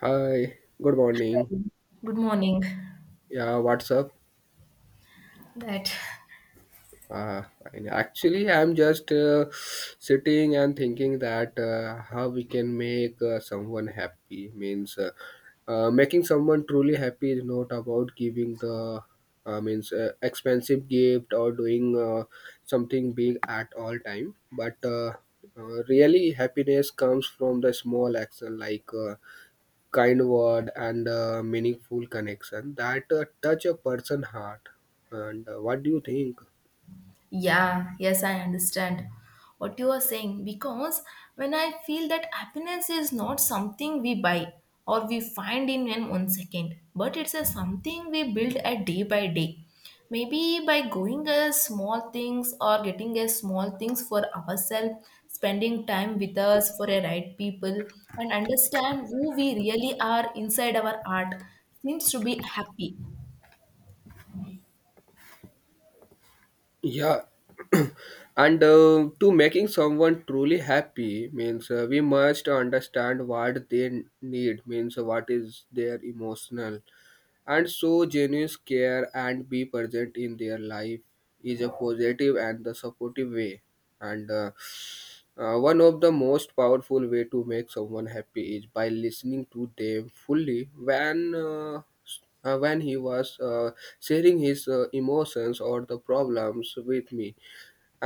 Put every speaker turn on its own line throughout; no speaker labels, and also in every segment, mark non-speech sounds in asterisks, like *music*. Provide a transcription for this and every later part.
Hi, good morning.
Hello. Good morning.
Yeah, what's up?
That,
Uh, and actually, I'm just sitting and thinking that how we can make someone happy. Means Making someone truly happy is not about giving the means expensive gift or doing something big at all time. But really, happiness comes from the small action like. Kind word and meaningful connection that touch a person heart and what do you think?
yeah, yes, I understand what you are saying, because when I feel that happiness is not something we buy or we find in an 1 second, but it's a something we build a day by day. Maybe by going a small things or getting a small things for ourselves, spending time with us for a right people, and understand who we really are inside our art seems to be happy.
Yeah. *clears throat* And to making someone truly happy means we must understand what they need, means what is their emotional, and so genuine care and be present in their life is a positive and the supportive way. And One of the most powerful way to make someone happy is by listening to them fully when when he was sharing his emotions or the problems with me.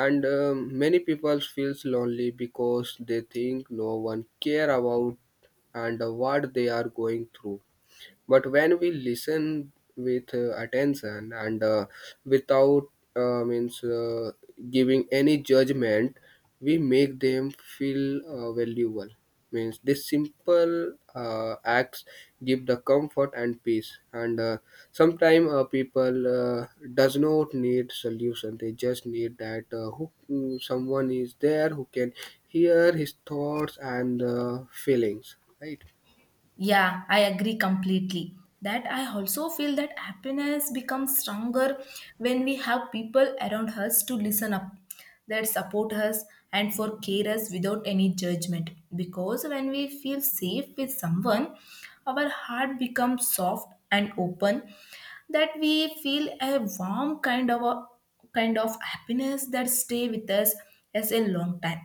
And many people feels lonely because they think no one care about and what they are going through. But when we listen with attention and without means giving any judgment, we make them feel valuable. Means this simple acts give the comfort and peace. And sometimes people uh, does not need solution. They just need that who someone is there who can hear his thoughts and feelings. Right.
Yeah, I agree completely. That I also feel that happiness becomes stronger when we have people around us to listen up, that support us and for care us without any judgment. Because when we feel safe with someone, our heart becomes soft and open, that we feel a warm kind of a kind of happiness that stay with us as a long time.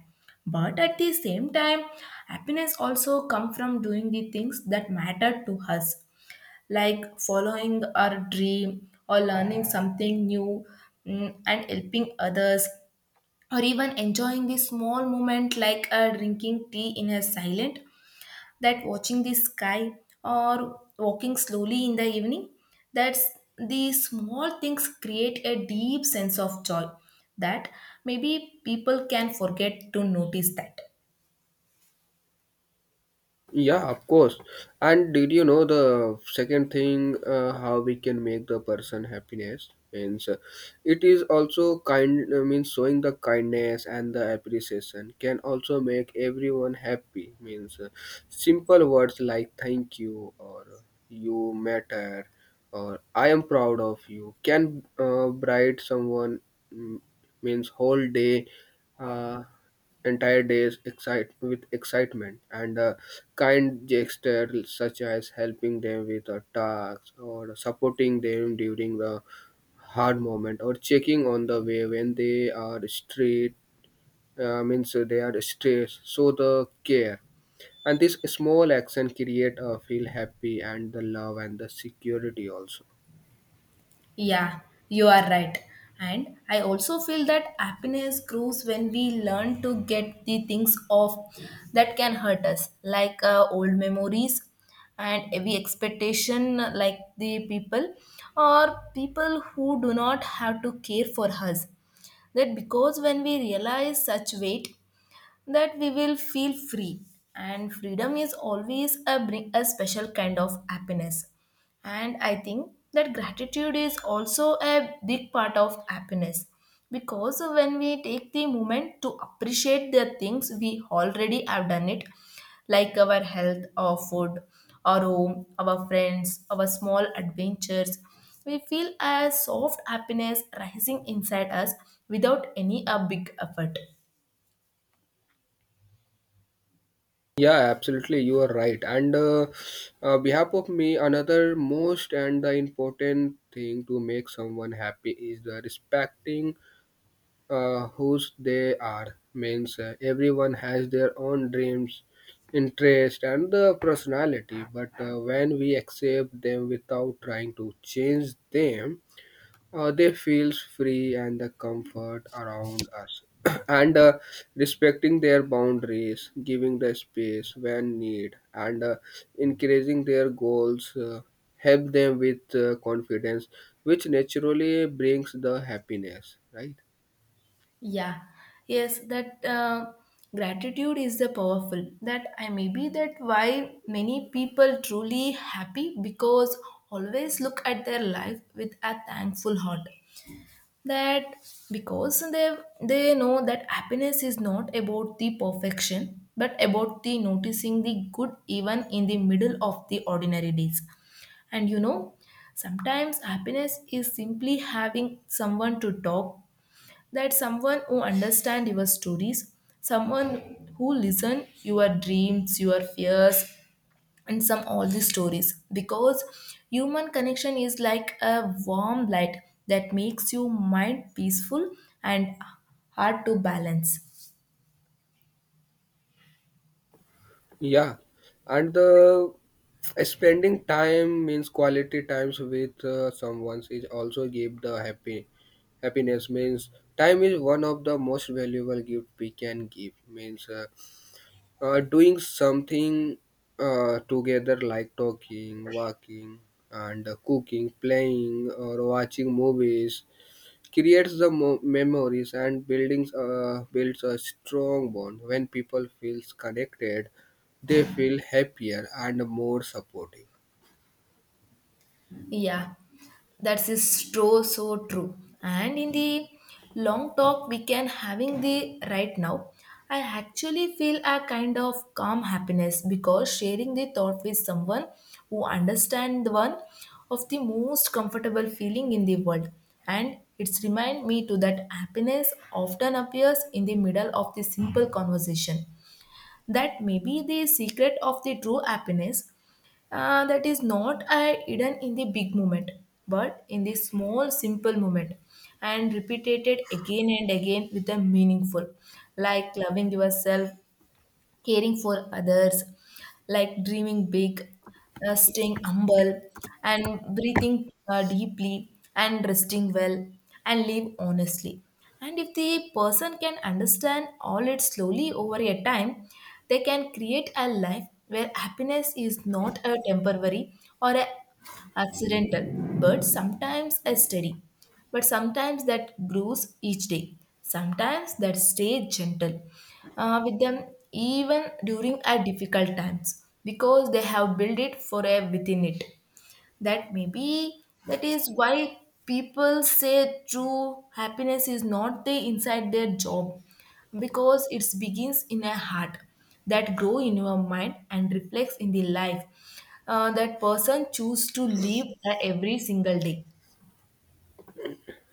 But at the same time, happiness also comes from doing the things that matter to us, like following our dream or learning something new, and helping others, or even enjoying the small moment like drinking tea in a silent, that watching the sky or walking slowly in the evening. That's, these small things create a deep sense of joy that maybe people can forget to notice that.
Yeah, of course. And did you know the second thing, how we can make the person happiness, means it is also kind, means showing the kindness and the appreciation can also make everyone happy. Means simple words like thank you or you matter or I am proud of you can bright someone, mm, means whole day, uh, entire days excite with excitement. And kind gestures such as helping them with a task or supporting them during the hard moment or checking on the way when they are straight, means they are stressed, so the care and this small action create a feel happy and the love and the security also.
Yeah, you are right. And I also feel that happiness grows when we learn to get the things off that can hurt us, like old memories and every expectation, like the people or people who do not have to care for us. That because when we realize such weight, that we will feel free, and freedom is always a bring a special kind of happiness. And I think that gratitude is also a big part of happiness, because when we take the moment to appreciate the things we already have done it, like our health, our food, our home, our friends, our small adventures, we feel a soft happiness rising inside us without any a big effort.
Yeah, absolutely. You are right. And behalf of me, another most and the important thing to make someone happy is the respecting whose they are. Means everyone has their own dreams, interest, and the personality. But when we accept them without trying to change them, they feels free and the comfort around us. *clears throat* And respecting their boundaries, giving the space when need, and encouraging their goals help them with confidence, which naturally brings the happiness, right?
Yeah, yes, that gratitude is the powerful. That I may be that why many people truly happy because always look at their life with a thankful heart. That because they know that happiness is not about the perfection, but about the noticing the good even in the middle of the ordinary days. And you know, sometimes happiness is simply having someone to talk, that someone who understand your stories, someone who listen your dreams, your fears, and some all these stories, because human connection is like a warm light that makes your mind peaceful and hard to balance.
Yeah, and the spending time means quality times with someone is also give the happy happiness. Means time is one of the most valuable gift we can give. Means doing something together like talking, walking, and cooking, playing, or watching movies creates the memories and buildings builds a strong bond. When people feels connected they feel happier and more supportive.
Yeah, that is true, so true. And in the long talk we can having the right now, I actually feel a kind of calm happiness because sharing the thought with someone who understand one of the most comfortable feeling in the world. And it's remind me to that happiness often appears in the middle of the simple conversation, that maybe the secret of the true happiness, that is not hidden in the big moment, but in the small simple moment and repeated again and again with a meaningful, like loving yourself, caring for others, like dreaming big, staying humble, and breathing deeply, and resting well, and live honestly. And if the person can understand all it slowly over a time, they can create a life where happiness is not a temporary or a accidental, but sometimes a steady, but sometimes that grows each day, sometimes that stays gentle with them even during our difficult times, because they have built it forever within it. That maybe that is why people say true happiness is not the inside their job, because it begins in a heart, that grow in your mind and reflects in the life that person choose to live every single day.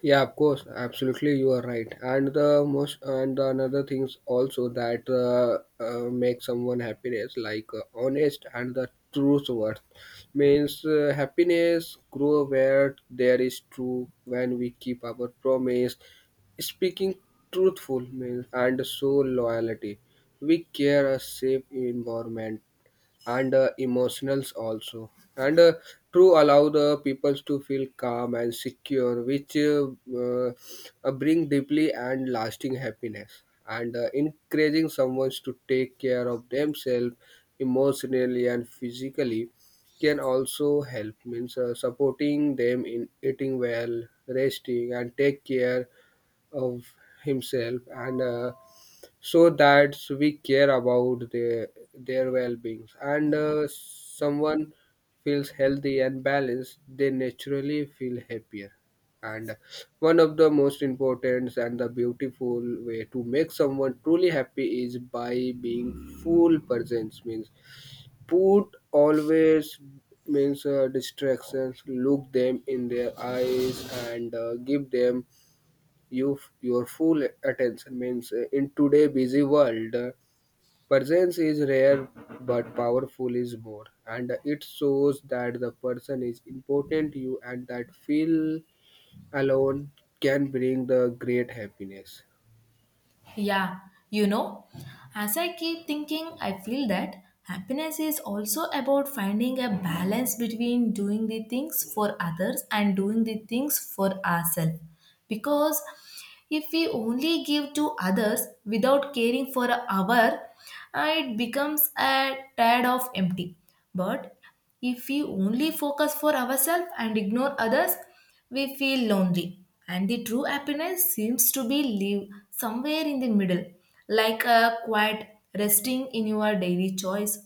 Yeah, of course, absolutely, you are right. And the most and the another things also that make someone happiness, like honest and the truth worth. Means happiness grow where there is true, when we keep our promise, speaking truthful, means and so loyalty. We care a safe environment and emotionals also. And true allow the peoples to feel calm and secure, which uh, bring deeply and lasting happiness. And encouraging someone to take care of themselves emotionally and physically can also help. Means supporting them in eating well, resting, and take care of himself. And so that we care about their well-beings. And someone feels healthy and balanced, they naturally feel happier. And one of the most important and the beautiful way to make someone truly happy is by being full presence. Means put always, means distractions, look them in their eyes and give them your full attention. Means in today busy world, presence is rare but powerful is more, and it shows that the person is important to you, and that feel alone can bring the great happiness.
Yeah, you know, as I keep thinking, I feel that happiness is also about finding a balance between doing the things for others and doing the things for ourselves. Because if we only give to others without caring for our, it becomes a tad of empty. But if we only focus for ourselves and ignore others, we feel lonely. And the true happiness seems to be live somewhere in the middle, like a quiet resting in your daily choice.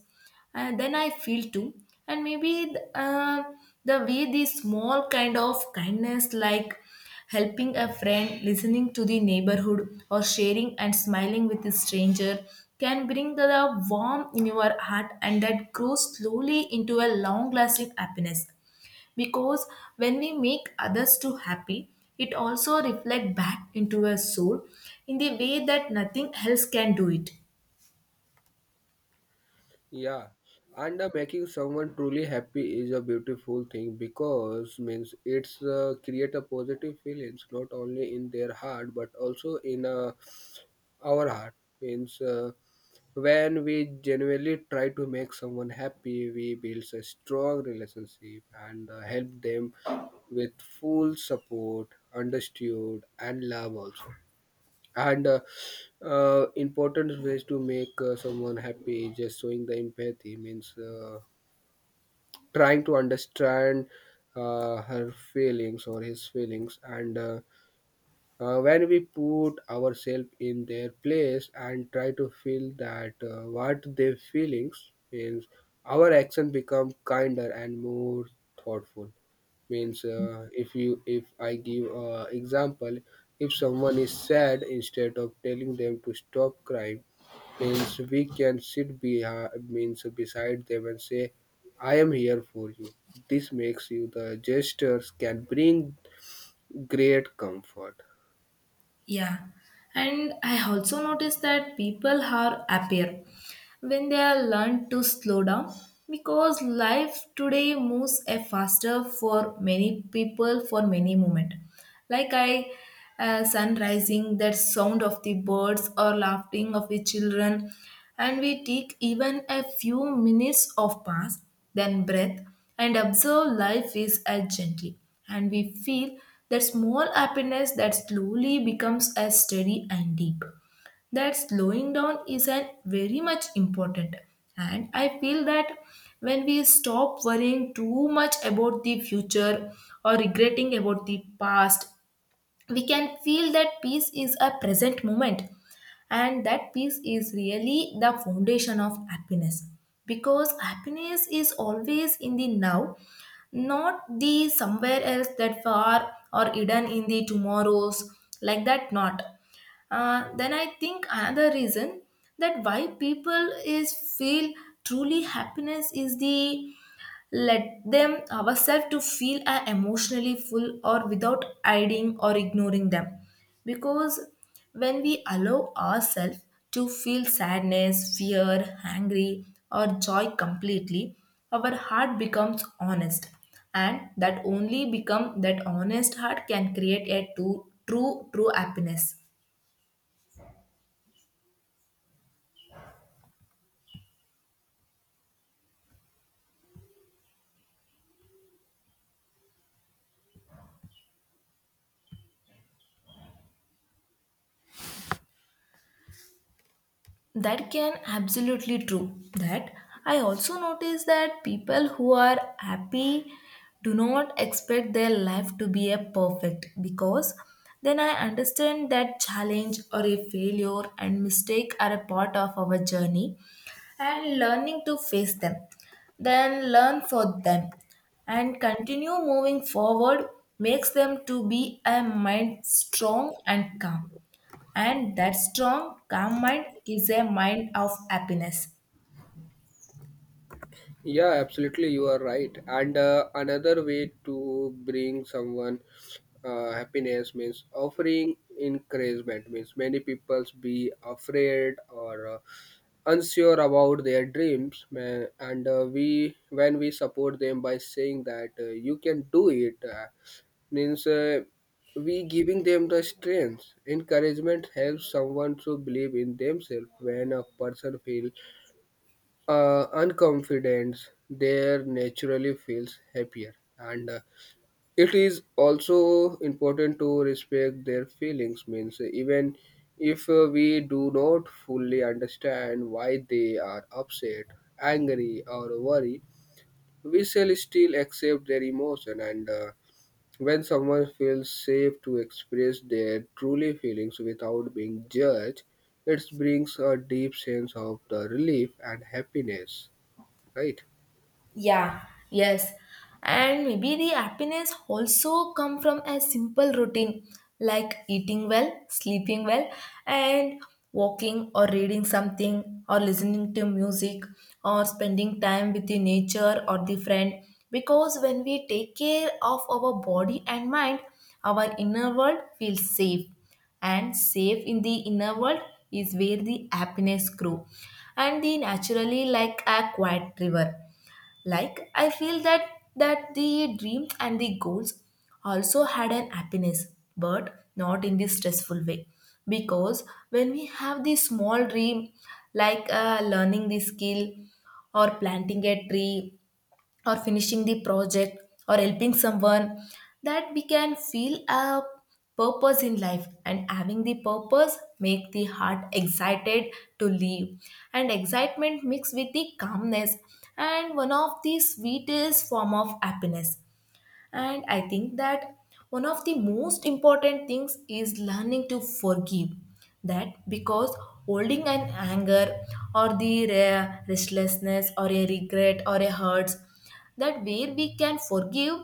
And then I feel too. And maybe the way this small kind of kindness, like helping a friend, listening to the neighborhood, or sharing and smiling with a stranger, can bring the warmth in your heart, and that grows slowly into a long lasting happiness, because when we make others too happy, it also reflects back into our soul in the way that nothing else can do it.
Yeah, and making someone truly happy is a beautiful thing because, means it's create a positive feelings not only in their heart but also in our heart. Means when we genuinely try to make someone happy, we build a strong relationship and help them with full support, understood, and love also. And important ways to make someone happy is just showing the empathy. Means trying to understand her feelings or his feelings. And when we put ourselves in their place and try to feel that what their feelings means, our action become kinder and more thoughtful. Means if I give a example, if someone is sad, instead of telling them to stop crying, means we can sit behind, means beside them and say, I am here for you. This makes you the gestures can bring great comfort.
Yeah, and I also noticed that people are happier when they are learned to slow down, because life today moves a faster for many people for many moment. Like I, sun rising, that sound of the birds or laughing of the children, and we take even a few minutes of pass, then breath, and observe life is as gently. And we feel that small happiness that slowly becomes as steady and deep. That slowing down is an very much important. And I feel that when we stop worrying too much about the future or regretting about the past, we can feel that peace is a present moment, and that peace is really the foundation of happiness, because happiness is always in the now, not the somewhere else that far or hidden in the tomorrows, like that not. Then I think another reason that why people is feel truly happiness is the let them ourselves to feel emotionally full or without hiding or ignoring them, because when we allow ourselves to feel sadness, fear, angry, or joy completely, our heart becomes honest, and that only become that honest heart can create a true happiness. That can absolutely true that I also notice that people who are happy do not expect their life to be a perfect, because then I understand that challenge or a failure and mistake are a part of our journey, and learning to face them, then learn for them, and continue moving forward makes them to be a mind strong and calm. And that strong, calm mind is a mind of happiness.
Yeah, absolutely, you are right. And another way to bring someone happiness means offering encouragement. Means many people's be afraid or unsure about their dreams, man. And we when we support them by saying that you can do it, means we giving them the strength. Encouragement helps someone to believe in themselves. When a person feels unconfident, they naturally feels happier. And it is also important to respect their feelings. Means even if we do not fully understand why they are upset, angry, or worried, we shall still accept their emotion. And when someone feels safe to express their truly feelings without being judged, it brings a deep sense of the relief and happiness, right?
Yeah, yes. And maybe the happiness also come from a simple routine, like eating well, sleeping well, and walking or reading something or listening to music or spending time with the nature or the friend. Because when we take care of our body and mind, our inner world feels safe, and safe in the inner world is where the happiness grow and the naturally like a quiet river. Like I feel that, that the dreams and the goals also had an happiness, but not in this stressful way, because when we have the small dream, like learning the skill or planting a tree or finishing the project or helping someone, that we can feel a purpose in life, and having the purpose make the heart excited to live, and excitement mixed with the calmness, and one of the sweetest form of happiness. And I think that one of the most important things is learning to forgive. That because holding an anger or the restlessness or a regret or a hurts, that where we can forgive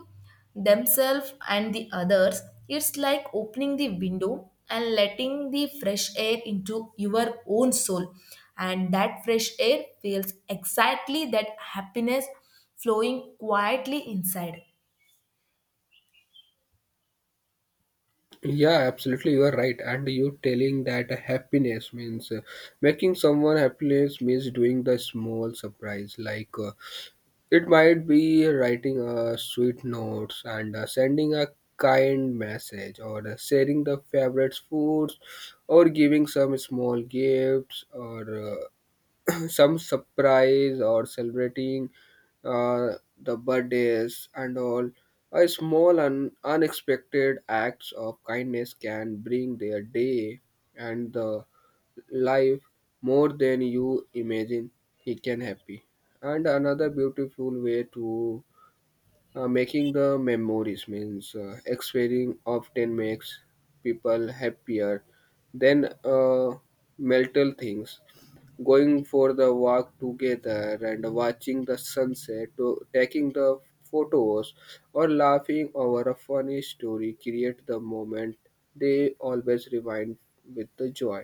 themselves and the others, it's like opening the window and letting the fresh air into your own soul. And that fresh air feels exactly that happiness flowing quietly inside.
Yeah, absolutely, you are right. And you telling that happiness means making someone happiness means doing the small surprise. Like it might be writing a sweet notes and sending a kind message, or sharing the favorite foods, or giving some small gifts, or *clears throat* some surprise or celebrating uh, the birthdays and all. A small and unexpected acts of kindness can bring their day and the life more than you imagine he can happy. And another beautiful way to making the memories means experiencing often makes people happier than mental things. Going for the walk together and watching the sunset, to taking the photos, or laughing over a funny story create the moment they always rewind with the joy.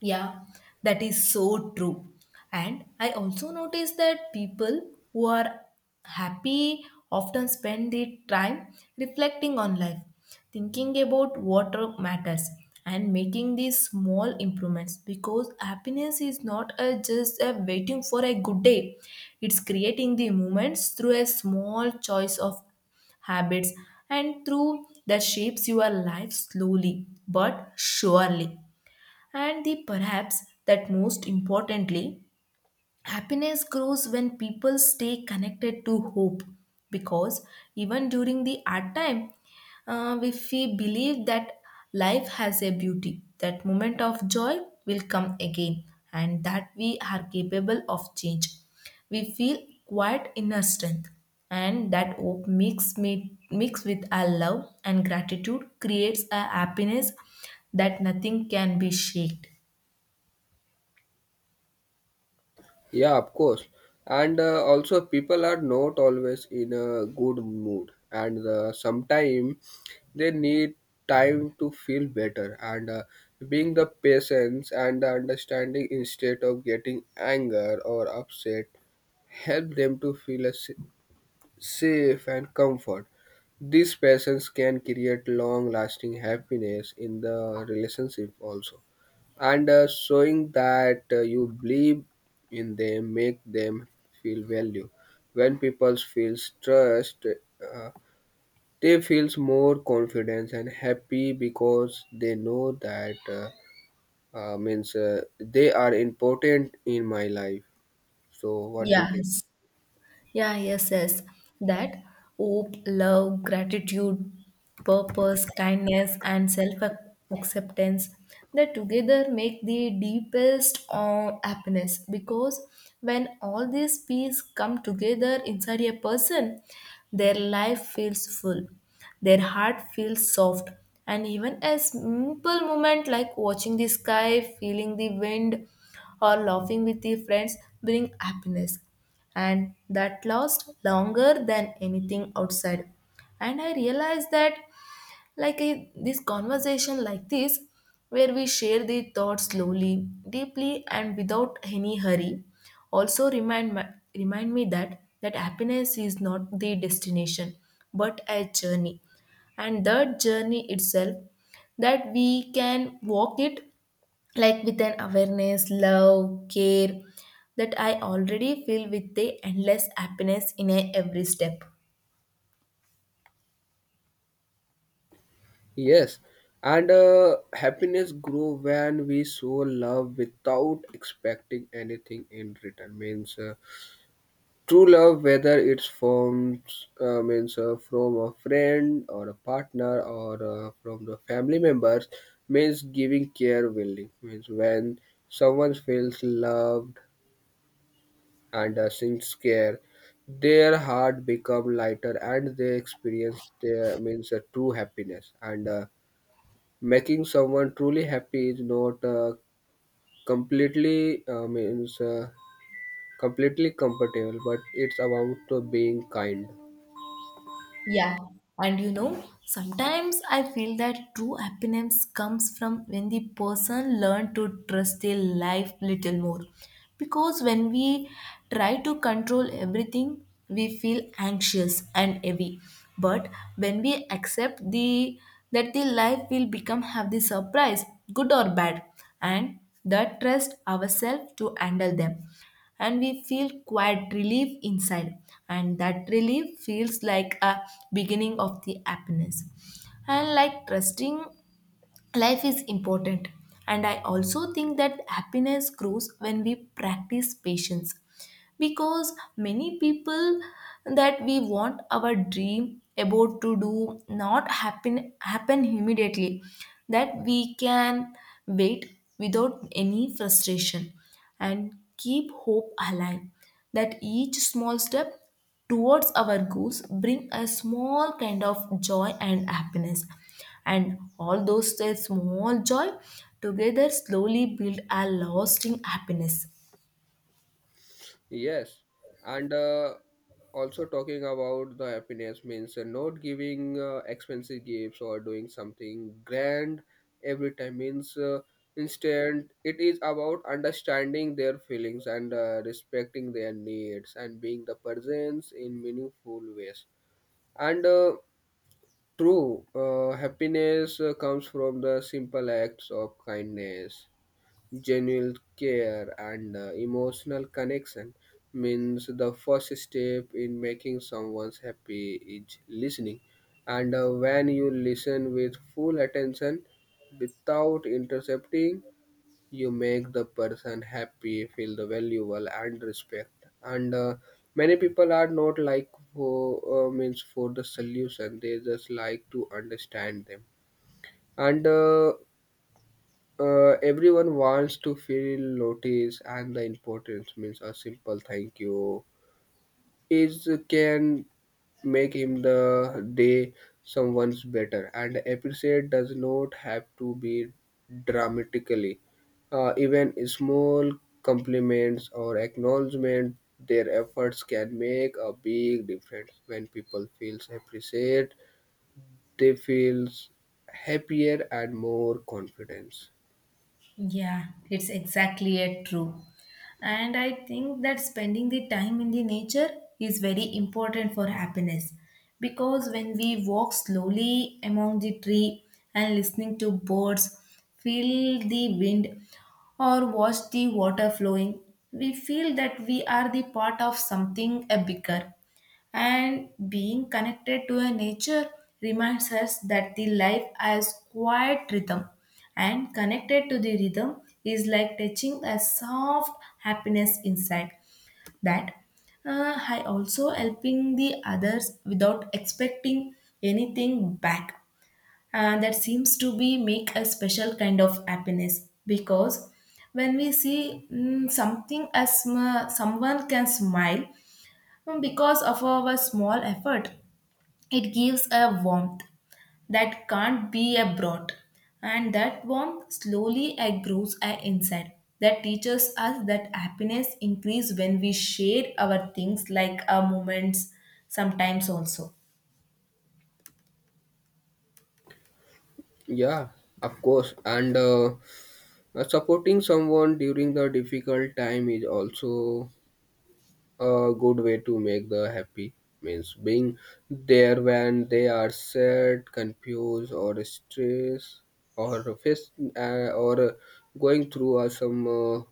Yeah, that is so true. And I also noticed that people who are happy often spend their time reflecting on life, thinking about what matters, and making these small improvements, because happiness is not a, just a waiting for a good day, it's creating the moments through a small choice of habits, and through that shapes your life slowly but surely. And the perhaps that most importantly, happiness grows when people stay connected to hope, because even during the hard time, if we believe that life has a beauty, that moment of joy will come again, and that we are capable of change. We feel quite inner strength, and that hope mixed with our love and gratitude creates a happiness that nothing can be shaked.
Yeah, of course. And also, people are not always in a good mood, and sometimes they need time to feel better. And being the patience and the understanding instead of getting anger or upset help them to feel a safe and comfort. These passions can create long lasting happiness in the relationship also. And showing that you believe in them make them feel value. When people feel trust, they feels more confidence and happy because they know that means they are important in my life. So what do you think?
Yes. Yeah, yes, yes. That hope, love, gratitude, purpose, kindness, and self acceptance, that together make the deepest happiness, because when all these pieces come together inside a person, their life feels full, their heart feels soft, and even a simple moment like watching the sky, feeling the wind, or laughing with the friends bring happiness, and that lasts longer than anything outside. And I realized that, like I, this conversation like this where we share the thoughts slowly, deeply, and without any hurry, also remind me that that happiness is not the destination, but a journey, and that journey itself that we can walk it, like with an awareness, love, care, that I already feel with the endless happiness in a every step.
Yes, and happiness grow when we show love without expecting anything in return. Means true love, whether it's from means from a friend or a partner or from the family members, means giving care willingly. Means when someone feels loved and since care, their heart become lighter and they experience their means a true happiness. And. Making someone truly happy is not completely uh, means uh, completely compatible, but it's about being kind.
Yeah, and you know, sometimes I feel that true happiness comes from when the person learn to trust their life little more. Because when we try to control everything, we feel anxious and heavy. But when we accept the that the life will become have the surprise, good or bad, and that trust ourselves to handle them, and we feel quiet relief inside, and that relief feels like a beginning of the happiness. And like trusting life is important. And I also think that happiness grows when we practice patience, because many people, that we want our dream about to do not happen immediately, that we can wait without any frustration and keep hope alive, that each small step towards our goals bring a small kind of joy and happiness, and all those small joy together slowly build a lasting happiness.
Yes, and also talking about the happiness means not giving expensive gifts or doing something grand every time. Means instead it is about understanding their feelings and respecting their needs and being the presence in meaningful ways. And. True, happiness comes from the simple acts of kindness, genuine care, and emotional connection. Means the first step in making someone happy is listening. And when you listen with full attention without intercepting, you make the person happy feel the valuable and respect. And many people are not like for means for the solution, they just like to understand them. And everyone wants to feel noticed and the importance. Means a simple thank you is can make him the day someone's better, and appreciate does not have to be dramatically, even small compliments or acknowledgement their efforts can make a big difference. When people feels appreciated, they feels happier and more confidence.
Yeah, it's exactly it, true. And I think that spending the time in the nature is very important for happiness, because when we walk slowly among the tree and listening to birds, feel the wind or watch the water flowing, we feel that we are the part of something a bigger, and being connected to a nature reminds us that the life has quiet rhythm, and connected to the rhythm is like touching a soft happiness inside. That I also helping the others without expecting anything back, that seems to be make a special kind of happiness, because when we see, something as someone can smile. Because of our small effort, it gives a warmth that can't be brought, and that warmth slowly grows inside. That teaches us that happiness increases when we share our things like our moments sometimes also.
Yeah, of course. And supporting someone during the difficult time is also a good way to make the happy. Means being there when they are sad, confused, or stressed, or face or going through some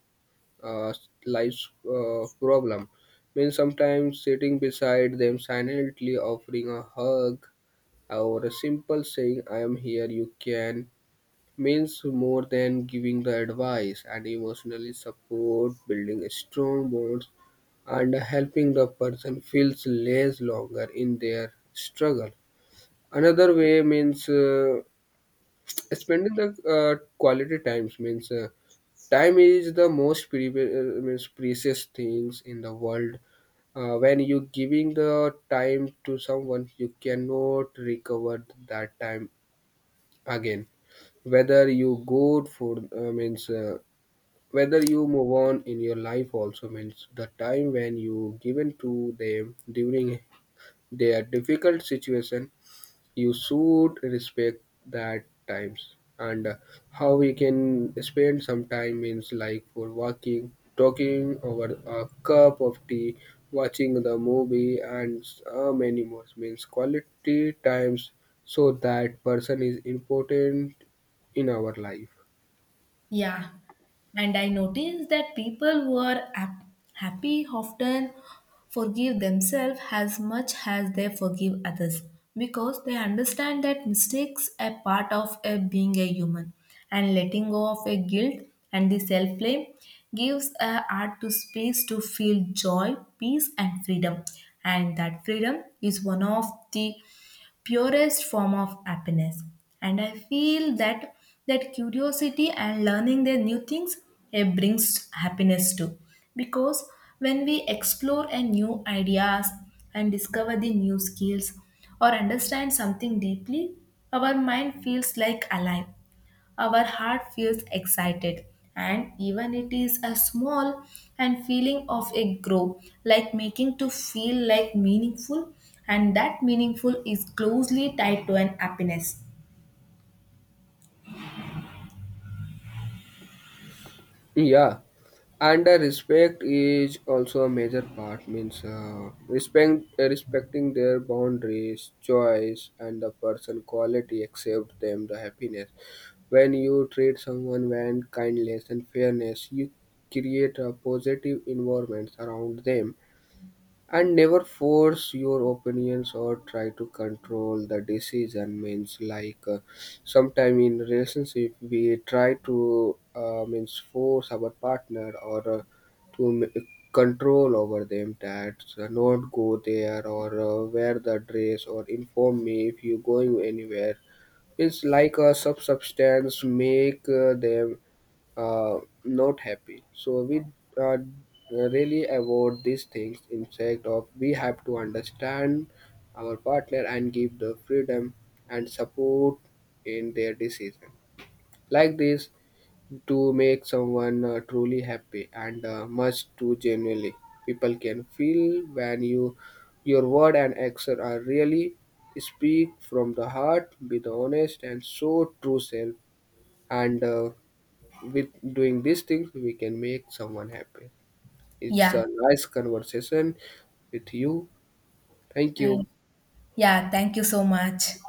uh, life's problem. Means sometimes sitting beside them silently, offering a hug or a simple saying I am here, you can, means more than giving the advice and emotionally support, building strong bonds and helping the person feels less longer in their struggle. Another way means spending the quality times. Means time is the most pre- means precious things in the world. When you giving the time to someone, you cannot recover that time again, whether you go for means whether you move on in your life also. Means the time when you given to them during their difficult situation, you should respect that times. And how we can spend some time, means like for walking, talking over a cup of tea, watching the movie, and so many more, means quality times, so that person is important in our life.
Yeah, and I notice that people who are happy often forgive themselves as much as they forgive others, because they understand that mistakes are part of a being a human, and letting go of a guilt and the self blame gives a heart to space to feel joy, peace and freedom, and that freedom is one of the purest form of happiness. And I feel that, that curiosity and learning the new things, it brings happiness too, because when we explore a new ideas and discover the new skills or understand something deeply, our mind feels like alive, our heart feels excited, and even it is a small and feeling of a grow like making to feel like meaningful, and that meaningful is closely tied to an happiness.
Yeah, and respect is also a major part. Means respecting their boundaries, choice, and the person quality accept them the happiness. When you treat someone with kindness and fairness, you create a positive environment around them, and never force your opinions or try to control the decision. Means like sometime in relationship we try to means force our partner or to m- control over them, that not go there or wear the dress or inform me if you going anywhere, means like a sub substance make them uh, not happy. So we uh, really avoid these things. Instead of we have to understand our partner and give the freedom and support in their decision. Like this, to make someone truly happy and much too genuinely, people can feel when your word and action are really speak from the heart, be the honest and show true self. And. With doing these things we can make someone happy. It's
Yeah.
a nice conversation with you. Thank you.
And yeah, thank you so much.